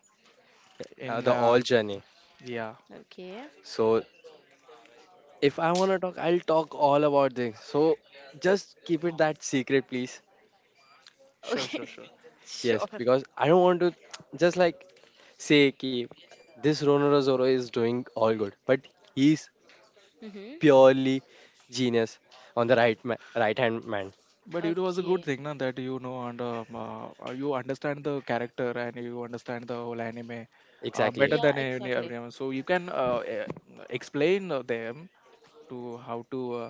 [SPEAKER 3] In
[SPEAKER 2] the all journey.
[SPEAKER 3] Yeah,
[SPEAKER 1] Okay.
[SPEAKER 2] So if I want to talk, I'll talk all about things. So just keep it that secret, please.
[SPEAKER 3] sure,
[SPEAKER 1] Okay.
[SPEAKER 3] sure, sure.
[SPEAKER 2] Yes,
[SPEAKER 1] Sure.
[SPEAKER 2] because I don't want to just like say keep this Ronaldo Zoro is doing all good, but he's
[SPEAKER 1] Mm-hmm.
[SPEAKER 2] purely genius on the right right hand man.
[SPEAKER 3] But it was a good
[SPEAKER 1] Okay.
[SPEAKER 3] thing, na, that you know, and you understand the character and you understand the whole anime
[SPEAKER 2] Exactly.
[SPEAKER 3] better
[SPEAKER 1] Yeah,
[SPEAKER 3] than any
[SPEAKER 1] exactly.
[SPEAKER 3] everyone. So you can explain them to how to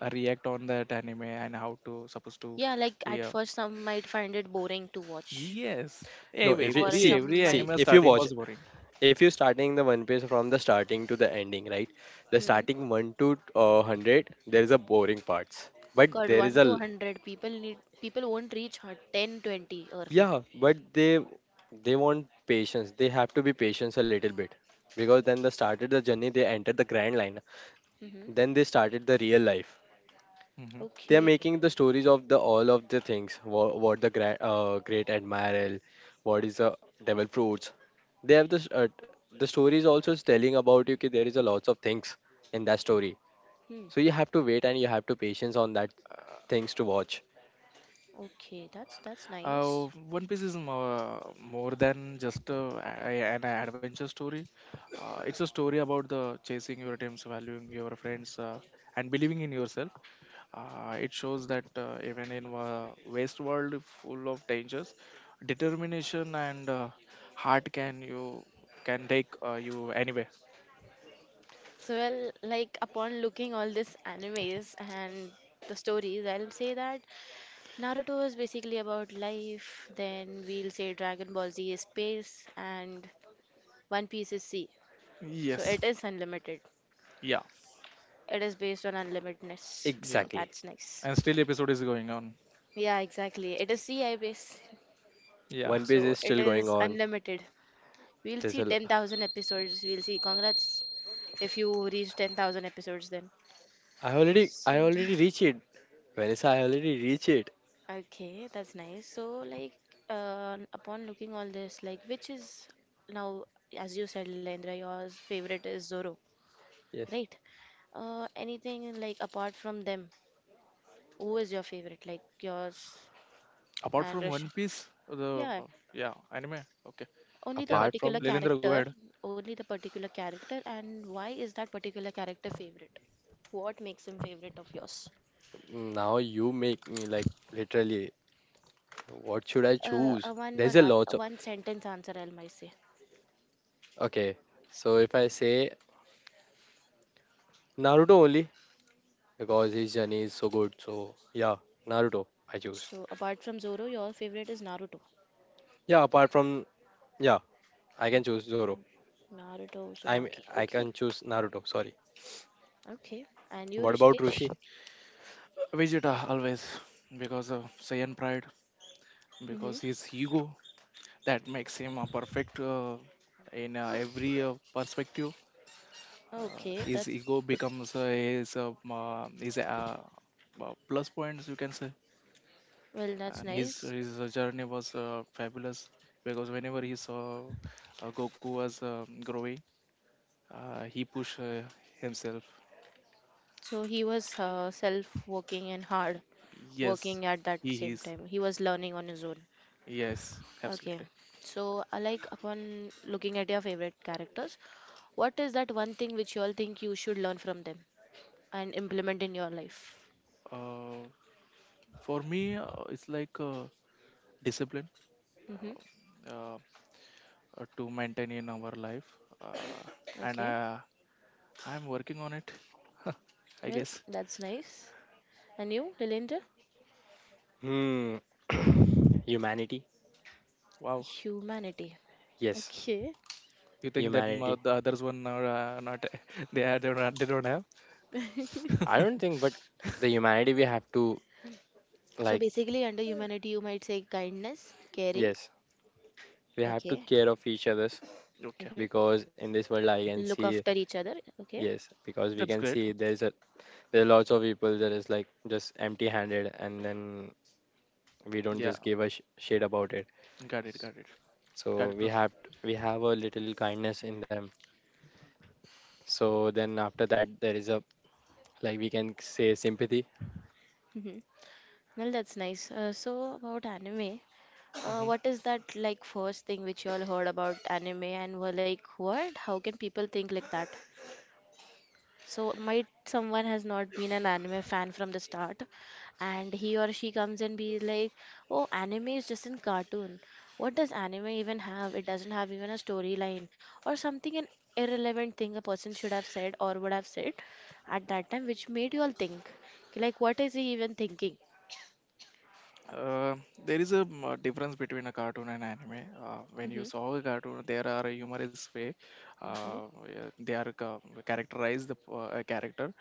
[SPEAKER 3] react on that anime and how to supposed to.
[SPEAKER 1] Yeah, like at
[SPEAKER 3] Yeah.
[SPEAKER 1] first some might find it boring to watch,
[SPEAKER 3] Yes.
[SPEAKER 2] No, if you
[SPEAKER 1] or
[SPEAKER 2] see
[SPEAKER 1] some
[SPEAKER 3] Every
[SPEAKER 2] see
[SPEAKER 3] anime
[SPEAKER 1] might.
[SPEAKER 2] if you
[SPEAKER 3] starting
[SPEAKER 2] watch,
[SPEAKER 3] was boring.
[SPEAKER 2] if you're starting the One Piece from the starting to the ending, right? The
[SPEAKER 1] Hmm.
[SPEAKER 2] starting one to hundred, there is a boring parts, but
[SPEAKER 1] God,
[SPEAKER 2] there is
[SPEAKER 1] one to
[SPEAKER 2] a,
[SPEAKER 1] 100 people need people won't reach 10, 20 early.
[SPEAKER 2] yeah, but they want patience. They have to be patience a little bit because then they started the journey. They entered the grand line.
[SPEAKER 1] Mm-hmm.
[SPEAKER 2] Then they started the real life. They are
[SPEAKER 1] Okay.
[SPEAKER 2] making the stories of the all of the things. What the grand, great admiral, what is the devil fruits. They have this. The story is also telling about you. Ki there is a lots of things in that story.
[SPEAKER 1] Hmm.
[SPEAKER 2] So you have to wait and you have to patience on that things to watch.
[SPEAKER 1] Okay, that's nice.
[SPEAKER 3] One Piece is more, more than just an adventure story. It's a story about the chasing your dreams, valuing your friends, and believing in yourself. It shows that even in a waste world full of dangers, determination and heart can you can take you anywhere.
[SPEAKER 1] So, well, like upon looking all these animes and the stories, I'll say that Naruto is basically about life. Then we'll say Dragon Ball Z is space, and One Piece is sea. So
[SPEAKER 3] Yes,
[SPEAKER 1] it is unlimited.
[SPEAKER 3] yeah,
[SPEAKER 1] It is based on unlimitedness.
[SPEAKER 3] yeah.
[SPEAKER 1] Well,
[SPEAKER 2] Exactly.
[SPEAKER 1] that's nice.
[SPEAKER 3] And still, episode is going on.
[SPEAKER 1] Yeah, exactly. It is CI base,
[SPEAKER 3] Yeah.
[SPEAKER 2] One Piece
[SPEAKER 1] so
[SPEAKER 2] is
[SPEAKER 1] it
[SPEAKER 2] still going
[SPEAKER 1] is
[SPEAKER 2] on.
[SPEAKER 1] unlimited. We'll see
[SPEAKER 2] There's a. l-
[SPEAKER 1] 10,000 episodes. We'll see. Congrats if you reach 10,000 episodes then.
[SPEAKER 2] I already reached it. Vanessa, I already reached it.
[SPEAKER 1] Okay, that's nice. So, like, upon looking all this, like, which is now, as you said, Lendra, your favorite is Zoro,
[SPEAKER 2] Yes.
[SPEAKER 1] right? Anything like apart from them, who is your favorite? Like yours
[SPEAKER 3] Apart
[SPEAKER 1] and
[SPEAKER 3] from One
[SPEAKER 1] Russian?
[SPEAKER 3] Piece, the
[SPEAKER 1] Yeah,
[SPEAKER 3] yeah anime. Okay.
[SPEAKER 1] only the
[SPEAKER 3] Yeah,
[SPEAKER 2] Apart
[SPEAKER 1] particular
[SPEAKER 2] from
[SPEAKER 3] Lelendra, go
[SPEAKER 1] character,
[SPEAKER 3] ahead.
[SPEAKER 1] only the particular character, and why is that particular character favorite? What makes him favorite of yours?
[SPEAKER 2] now, you make me like, literally, what should I choose?
[SPEAKER 1] A one
[SPEAKER 2] There's
[SPEAKER 1] one
[SPEAKER 2] a
[SPEAKER 1] an- a
[SPEAKER 2] lot of.
[SPEAKER 1] One sentence answer, I might say.
[SPEAKER 2] Okay. So if I say Naruto only, because his journey is so good. So yeah, Naruto, I choose.
[SPEAKER 1] So, apart from Zoro, your favorite is Naruto.
[SPEAKER 2] Yeah, apart from. Yeah, I can choose Zoro.
[SPEAKER 1] Naruto
[SPEAKER 2] I'm,
[SPEAKER 1] Uzumaki.
[SPEAKER 2] I
[SPEAKER 1] Okay,
[SPEAKER 2] can choose Naruto, sorry.
[SPEAKER 1] okay. And you,
[SPEAKER 2] What about
[SPEAKER 1] Rishikesh?
[SPEAKER 2] Roshi?
[SPEAKER 3] Vegeta always, because of Saiyan pride,
[SPEAKER 1] Mm-hmm.
[SPEAKER 3] because his ego that makes him a perfect in every perspective.
[SPEAKER 1] Okay,
[SPEAKER 3] His
[SPEAKER 1] that's
[SPEAKER 3] ego becomes his his plus points you can say,
[SPEAKER 1] well, that's
[SPEAKER 3] and his
[SPEAKER 1] nice.
[SPEAKER 3] his journey was fabulous because whenever he saw Goku was growing, he pushed himself.
[SPEAKER 1] So he was self-working and hard
[SPEAKER 3] Yes,
[SPEAKER 1] working at that
[SPEAKER 3] he
[SPEAKER 1] same
[SPEAKER 3] is.
[SPEAKER 1] time. He was learning on his own.
[SPEAKER 3] Yes,
[SPEAKER 1] Okay.
[SPEAKER 3] absolutely.
[SPEAKER 1] So, like upon looking at your favorite characters, what is that one thing which you all think you should learn from them and implement in your life?
[SPEAKER 3] Uh, for me, it's like. Discipline,
[SPEAKER 1] Mm-hmm.
[SPEAKER 3] um, uh, to maintain in our life, uh, and
[SPEAKER 1] Okay.
[SPEAKER 3] I, I'm working on it. I
[SPEAKER 1] Well,
[SPEAKER 3] guess.
[SPEAKER 1] that's nice. And you, Lilendra?
[SPEAKER 2] Hmm. Humanity?
[SPEAKER 3] Wow,
[SPEAKER 1] Humanity.
[SPEAKER 2] Yes,
[SPEAKER 1] Okay.
[SPEAKER 3] you think that
[SPEAKER 2] humanity.
[SPEAKER 3] the others one are not. They are, they don't have.
[SPEAKER 2] I don't think, but the humanity we have to,
[SPEAKER 1] So
[SPEAKER 2] like,
[SPEAKER 1] basically, under humanity, you might say kindness, caring,
[SPEAKER 2] yes, we have to
[SPEAKER 1] okay,
[SPEAKER 2] care of each others,
[SPEAKER 3] Okay,
[SPEAKER 1] hmm,
[SPEAKER 2] because in this world I can
[SPEAKER 1] look
[SPEAKER 2] see,
[SPEAKER 1] after each other, okay.
[SPEAKER 2] yes, because we
[SPEAKER 3] that's
[SPEAKER 2] can
[SPEAKER 3] great.
[SPEAKER 2] see there's a, there are lots of people that is like just empty handed, and then we don't
[SPEAKER 3] Yeah,
[SPEAKER 2] just give a shit about it.
[SPEAKER 3] got it, got it, got
[SPEAKER 2] So
[SPEAKER 3] it,
[SPEAKER 2] we
[SPEAKER 3] bro.
[SPEAKER 2] have, we have a little kindness in them. So then after that there is a, like, we can say sympathy.
[SPEAKER 1] Hmm. Well, that's nice. So about anime,
[SPEAKER 3] Mm-hmm.
[SPEAKER 1] what is that like first thing which you all heard about anime and were like, what? How can people think like that? So might someone has not been an anime fan from the start, and he or she comes and be like, "Oh, anime is just a cartoon. What does anime even have? It doesn't have even a storyline or something an irrelevant thing a person should have said or would have said at that time, which made you all think. Like, what is he even thinking?"
[SPEAKER 3] Uh, there is a difference between a cartoon and anime. When you
[SPEAKER 1] Hmm.
[SPEAKER 3] saw a cartoon, there are a humorous way,
[SPEAKER 1] Hmm.
[SPEAKER 3] yeah, characterize the a character,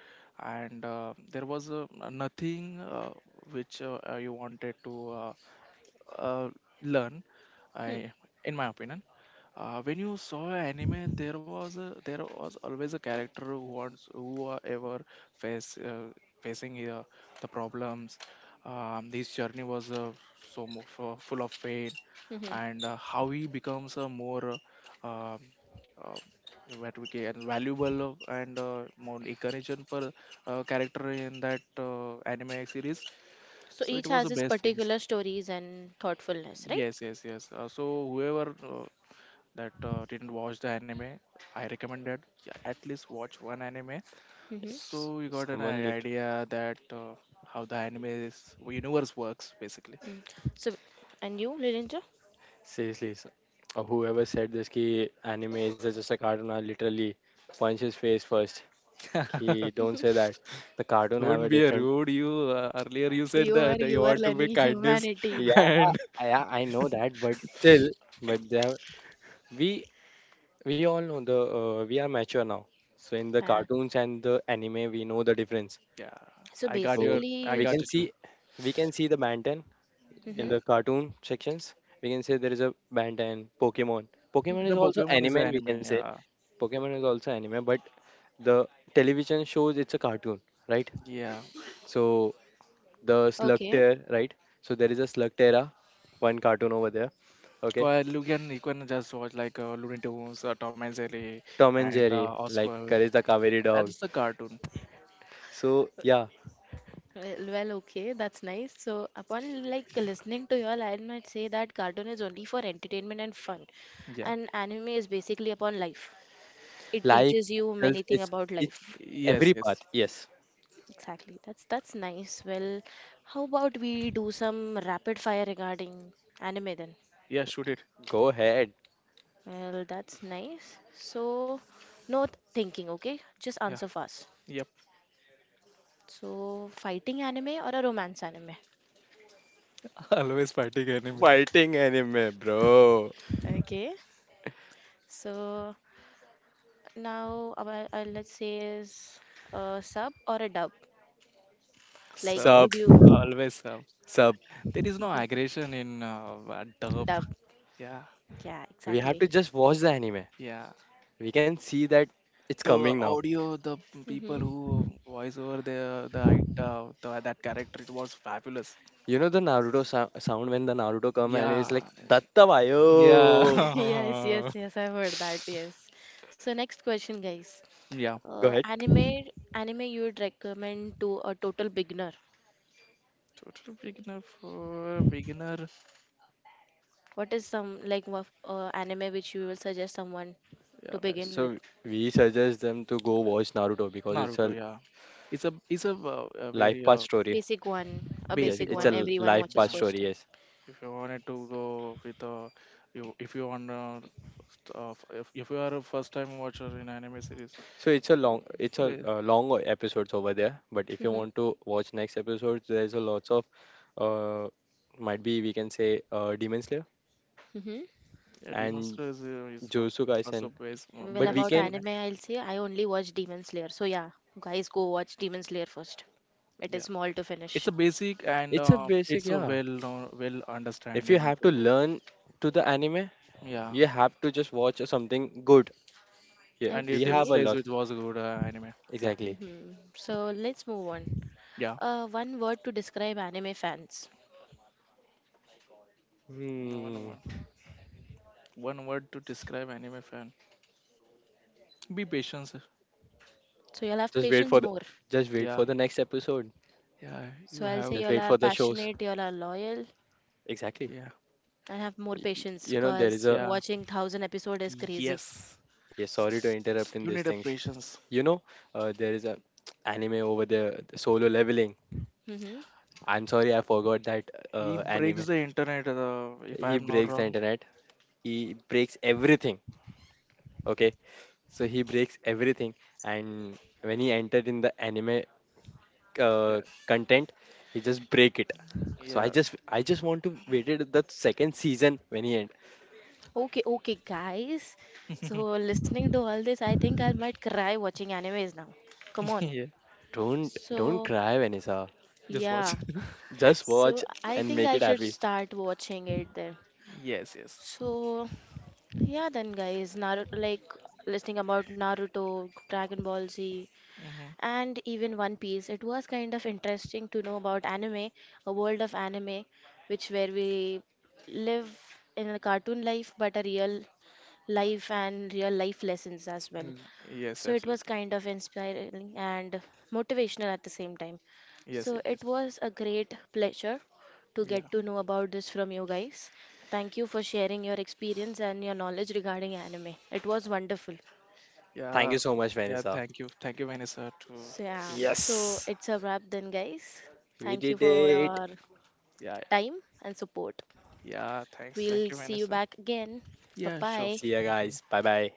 [SPEAKER 3] and there was nothing which you wanted to uh, learn.
[SPEAKER 1] Hmm.
[SPEAKER 3] I, in my opinion, when you saw an anime there was a, there was always a character who are ever face facing the problems. This journey was so full of pain,
[SPEAKER 1] Hmm.
[SPEAKER 3] and how he becomes a more uh, um, uh, what we can valuable, and more encouraging per character in that anime series,
[SPEAKER 1] So
[SPEAKER 3] so it
[SPEAKER 1] each
[SPEAKER 3] was
[SPEAKER 1] has
[SPEAKER 3] the
[SPEAKER 1] its
[SPEAKER 3] best things.
[SPEAKER 1] particular stories and thoughtfulness, right?
[SPEAKER 3] Yes, yes, yes, so whoever that didn't watch the anime, I recommend that at least watch one anime.
[SPEAKER 1] Mm-hmm.
[SPEAKER 2] If s-
[SPEAKER 3] So you got an
[SPEAKER 2] someone lit
[SPEAKER 3] idea that how the anime is universe works basically.
[SPEAKER 1] So, and you, Lilinja?
[SPEAKER 2] Seriously, or whoever said this ki anime is just a cartoon, I literally punch his face first. He don't say that. The cartoon have
[SPEAKER 3] Don't
[SPEAKER 2] a
[SPEAKER 3] be a
[SPEAKER 2] different.
[SPEAKER 3] rude. You, earlier you said
[SPEAKER 1] You are
[SPEAKER 3] that you
[SPEAKER 1] you are
[SPEAKER 3] want to be
[SPEAKER 1] learning
[SPEAKER 3] kindness,
[SPEAKER 1] humanity.
[SPEAKER 2] Yeah,
[SPEAKER 3] and
[SPEAKER 2] yeah, I know that, but still, but they have, we we all know the we are mature now. So in the
[SPEAKER 1] Uh,
[SPEAKER 2] cartoons and the anime, we know the difference.
[SPEAKER 3] yeah,
[SPEAKER 1] so
[SPEAKER 3] I got
[SPEAKER 2] So
[SPEAKER 3] your,
[SPEAKER 1] basically,
[SPEAKER 3] I
[SPEAKER 1] you'll.
[SPEAKER 2] we
[SPEAKER 3] got
[SPEAKER 2] can
[SPEAKER 3] you.
[SPEAKER 2] see,
[SPEAKER 3] Too.
[SPEAKER 2] we can see the Banten in
[SPEAKER 3] Yeah,
[SPEAKER 1] Mhm,
[SPEAKER 2] the cartoon sections. We can say there is a Banten, Pokemon. Pokemon
[SPEAKER 1] mhm.
[SPEAKER 2] is
[SPEAKER 3] the
[SPEAKER 2] also
[SPEAKER 3] Pokemon is the
[SPEAKER 2] anime. We
[SPEAKER 3] anime.
[SPEAKER 2] can say
[SPEAKER 3] Yeah,
[SPEAKER 2] Pokemon is also anime, but the television shows it's a cartoon, right?
[SPEAKER 3] yeah.
[SPEAKER 2] So the
[SPEAKER 1] Okay.
[SPEAKER 2] Slugterra, right? So there is a Slugterra, one cartoon over there. Okay,
[SPEAKER 3] You can, you can just watch like Looney Tunes, Tom and Jerry,
[SPEAKER 2] Tom and
[SPEAKER 3] and
[SPEAKER 2] Jerry, like
[SPEAKER 3] Oswald.
[SPEAKER 2] Courage the Cowardly Dog.
[SPEAKER 3] That's the cartoon.
[SPEAKER 2] So yeah,
[SPEAKER 1] Well, well, okay, that's nice. So upon like listening to you all, I might say that cartoon is only for entertainment and fun,
[SPEAKER 3] Yeah.
[SPEAKER 1] and anime is basically upon life. It
[SPEAKER 2] life
[SPEAKER 1] teaches you many
[SPEAKER 2] tells
[SPEAKER 1] things
[SPEAKER 2] it's
[SPEAKER 1] about
[SPEAKER 2] it's
[SPEAKER 1] life.
[SPEAKER 3] Yes,
[SPEAKER 2] every
[SPEAKER 3] yes.
[SPEAKER 2] path. Yes,
[SPEAKER 1] Exactly. That's nice. Well, how about we do some rapid fire regarding anime then?
[SPEAKER 3] Yeah, shoot it.
[SPEAKER 2] go ahead.
[SPEAKER 1] Well, that's nice. So, no thinking, okay? Just
[SPEAKER 3] Yeah,
[SPEAKER 1] answer fast.
[SPEAKER 3] yep.
[SPEAKER 1] So, fighting anime or a romance anime?
[SPEAKER 3] Always fighting enemy.
[SPEAKER 2] Fighting anime, bro.
[SPEAKER 1] Okay. So, now our, let's say is a sub or a dub. Like,
[SPEAKER 3] So
[SPEAKER 2] Sub
[SPEAKER 1] would you
[SPEAKER 3] always,
[SPEAKER 2] sub.
[SPEAKER 3] there is no aggression in dub.
[SPEAKER 1] dub?
[SPEAKER 3] Yeah,
[SPEAKER 1] Yeah,
[SPEAKER 2] We have to
[SPEAKER 1] exactly.
[SPEAKER 2] just watch the anime.
[SPEAKER 3] yeah.
[SPEAKER 2] We can see that it's
[SPEAKER 3] The
[SPEAKER 2] coming now.
[SPEAKER 3] audio, the people
[SPEAKER 1] Hmm.
[SPEAKER 3] who voice over the that character, it was fabulous.
[SPEAKER 2] You know the Naruto sound when the Naruto come and it's
[SPEAKER 3] Yeah,
[SPEAKER 2] like Datta
[SPEAKER 3] yeah,
[SPEAKER 2] Vayo.
[SPEAKER 1] Yes, yes, yes, I've heard that. Yes. So, next question, guys.
[SPEAKER 3] yeah.
[SPEAKER 2] Go
[SPEAKER 1] Uh,
[SPEAKER 2] ahead.
[SPEAKER 1] anime, Anime you would recommend to a total beginner?
[SPEAKER 3] Total beginner, for beginner.
[SPEAKER 1] What is some like anime which you will suggest someone
[SPEAKER 3] Yeah,
[SPEAKER 1] to begin with?
[SPEAKER 2] So we suggest them to go watch Naruto because it's
[SPEAKER 3] Naruto.
[SPEAKER 2] a
[SPEAKER 3] Yeah, it's a, it's a a
[SPEAKER 2] life
[SPEAKER 3] very
[SPEAKER 2] path story.
[SPEAKER 1] Basic one, a
[SPEAKER 2] Yes,
[SPEAKER 1] basic
[SPEAKER 3] basic
[SPEAKER 2] it's
[SPEAKER 1] one
[SPEAKER 3] one.
[SPEAKER 2] a
[SPEAKER 1] everyone
[SPEAKER 2] life
[SPEAKER 1] watches
[SPEAKER 2] path
[SPEAKER 3] Yeah.
[SPEAKER 1] first
[SPEAKER 2] story.
[SPEAKER 1] time.
[SPEAKER 2] Yes.
[SPEAKER 3] If you wanted to go with a, you, if you want, if you are a first time watcher in anime series,
[SPEAKER 2] So
[SPEAKER 3] so
[SPEAKER 2] it's a
[SPEAKER 3] ba-
[SPEAKER 2] long episodes over there. But if you
[SPEAKER 1] Hmm.
[SPEAKER 2] want to watch next episodes, there's a lots of, uh, might be we can say Demon Slayer
[SPEAKER 1] Hmm.
[SPEAKER 3] yeah, Demon
[SPEAKER 2] and
[SPEAKER 3] Slayer is
[SPEAKER 2] Jujutsu
[SPEAKER 3] also
[SPEAKER 2] Kaisen.
[SPEAKER 3] best,
[SPEAKER 1] Well,
[SPEAKER 2] But we
[SPEAKER 3] best
[SPEAKER 1] about
[SPEAKER 2] can,
[SPEAKER 3] anime.
[SPEAKER 1] anime, I'll say I only watch Demon Slayer. So yeah, guys, go watch Demon Slayer first. It
[SPEAKER 3] Yeah,
[SPEAKER 1] is small to
[SPEAKER 3] it's
[SPEAKER 1] finish.
[SPEAKER 3] a basic, and
[SPEAKER 2] it's a basic,
[SPEAKER 3] it's a
[SPEAKER 2] yeah.
[SPEAKER 3] well known, well
[SPEAKER 2] If you
[SPEAKER 3] understanding
[SPEAKER 2] have to
[SPEAKER 3] to
[SPEAKER 2] learn to the anime,
[SPEAKER 3] yeah.
[SPEAKER 2] you have to just watch something good. Yeah,
[SPEAKER 3] And it
[SPEAKER 2] we have a
[SPEAKER 1] Okay.
[SPEAKER 3] demonstrates
[SPEAKER 2] lot.
[SPEAKER 3] it was a good anime. Yeah,
[SPEAKER 2] Exactly.
[SPEAKER 1] Hmm. So let's move on.
[SPEAKER 3] yeah.
[SPEAKER 1] One word to describe anime fans.
[SPEAKER 3] One
[SPEAKER 2] Hmm.
[SPEAKER 3] one one word to describe anime fan. Be patient, sir.
[SPEAKER 1] So you'll have
[SPEAKER 2] Just wait
[SPEAKER 1] patience
[SPEAKER 2] for the,
[SPEAKER 1] more.
[SPEAKER 2] just wait
[SPEAKER 3] Yeah,
[SPEAKER 2] for the next episode.
[SPEAKER 3] yeah. You
[SPEAKER 1] So I'll
[SPEAKER 3] have
[SPEAKER 1] say
[SPEAKER 2] Just
[SPEAKER 1] y'all
[SPEAKER 3] to.
[SPEAKER 2] wait
[SPEAKER 1] are
[SPEAKER 2] for the shows.
[SPEAKER 1] passionate, y'all are loyal,
[SPEAKER 2] Exactly.
[SPEAKER 3] Yeah,
[SPEAKER 1] and have more patience
[SPEAKER 2] You know there is
[SPEAKER 1] because
[SPEAKER 2] a.
[SPEAKER 3] yeah.
[SPEAKER 1] watching thousand episode is crazy.
[SPEAKER 3] Yes.
[SPEAKER 2] Yeah, sorry to interrupt in
[SPEAKER 3] You
[SPEAKER 2] these
[SPEAKER 3] need a
[SPEAKER 2] things.
[SPEAKER 3] patience.
[SPEAKER 2] You know, there is a anime over there, solo leveling.
[SPEAKER 1] Hmm.
[SPEAKER 2] I'm sorry, I forgot that
[SPEAKER 3] He
[SPEAKER 2] anime.
[SPEAKER 3] breaks the internet. If I
[SPEAKER 2] He
[SPEAKER 3] am not
[SPEAKER 2] breaks the
[SPEAKER 3] wrong.
[SPEAKER 2] internet. He breaks everything. Okay, so he breaks everything, and when he entered in the anime
[SPEAKER 3] Yeah.
[SPEAKER 2] content, he just break it. So
[SPEAKER 3] Yeah.
[SPEAKER 2] I just want to waited the second season when he end.
[SPEAKER 1] Okay, okay, guys. So, listening to all this, I think I might cry watching animes now. Come on.
[SPEAKER 3] Yeah.
[SPEAKER 2] Don't
[SPEAKER 1] So,
[SPEAKER 2] cry, Vanessa.
[SPEAKER 3] Just watch.
[SPEAKER 1] yeah.
[SPEAKER 2] Just watch
[SPEAKER 1] So, I
[SPEAKER 2] and
[SPEAKER 1] think
[SPEAKER 2] make
[SPEAKER 1] I
[SPEAKER 2] it
[SPEAKER 1] should
[SPEAKER 2] happy.
[SPEAKER 1] start watching it then.
[SPEAKER 3] Yes. Yes.
[SPEAKER 1] So, yeah, then, guys, Naruto, like listening about Naruto, Dragon Ball Z,
[SPEAKER 3] Mm-hmm.
[SPEAKER 1] and even One Piece. It was kind of interesting to know about anime, a world of anime, which where we live in a cartoon life, but a real life and real life lessons as well.
[SPEAKER 3] Yes.
[SPEAKER 1] So it was
[SPEAKER 3] Absolutely.
[SPEAKER 1] kind of inspiring and motivational at the same time.
[SPEAKER 3] Yes.
[SPEAKER 1] So
[SPEAKER 3] It is.
[SPEAKER 1] it was a great pleasure to
[SPEAKER 3] Yeah.
[SPEAKER 1] get to know about this from you guys. Thank you for sharing your experience and your knowledge regarding anime. It was wonderful.
[SPEAKER 2] Thank
[SPEAKER 3] Yeah.
[SPEAKER 2] you so much,
[SPEAKER 3] Yeah.
[SPEAKER 2] Vanessa.
[SPEAKER 3] Thank you. Thank you, Vanessa. To.
[SPEAKER 1] So, yeah, so
[SPEAKER 2] Yes.
[SPEAKER 1] it's a wrap then, guys.
[SPEAKER 2] We
[SPEAKER 1] Thank you
[SPEAKER 2] did
[SPEAKER 1] for
[SPEAKER 2] it.
[SPEAKER 1] your
[SPEAKER 3] Yeah. Yeah.
[SPEAKER 1] time and support.
[SPEAKER 3] Yeah. Thanks. Thank
[SPEAKER 1] We'll
[SPEAKER 3] you,
[SPEAKER 1] see you
[SPEAKER 3] Vanessa.
[SPEAKER 1] back again. Bye
[SPEAKER 3] Yeah. Sure.
[SPEAKER 1] bye.
[SPEAKER 2] See ya,
[SPEAKER 3] Thank you.
[SPEAKER 2] guys. Bye bye.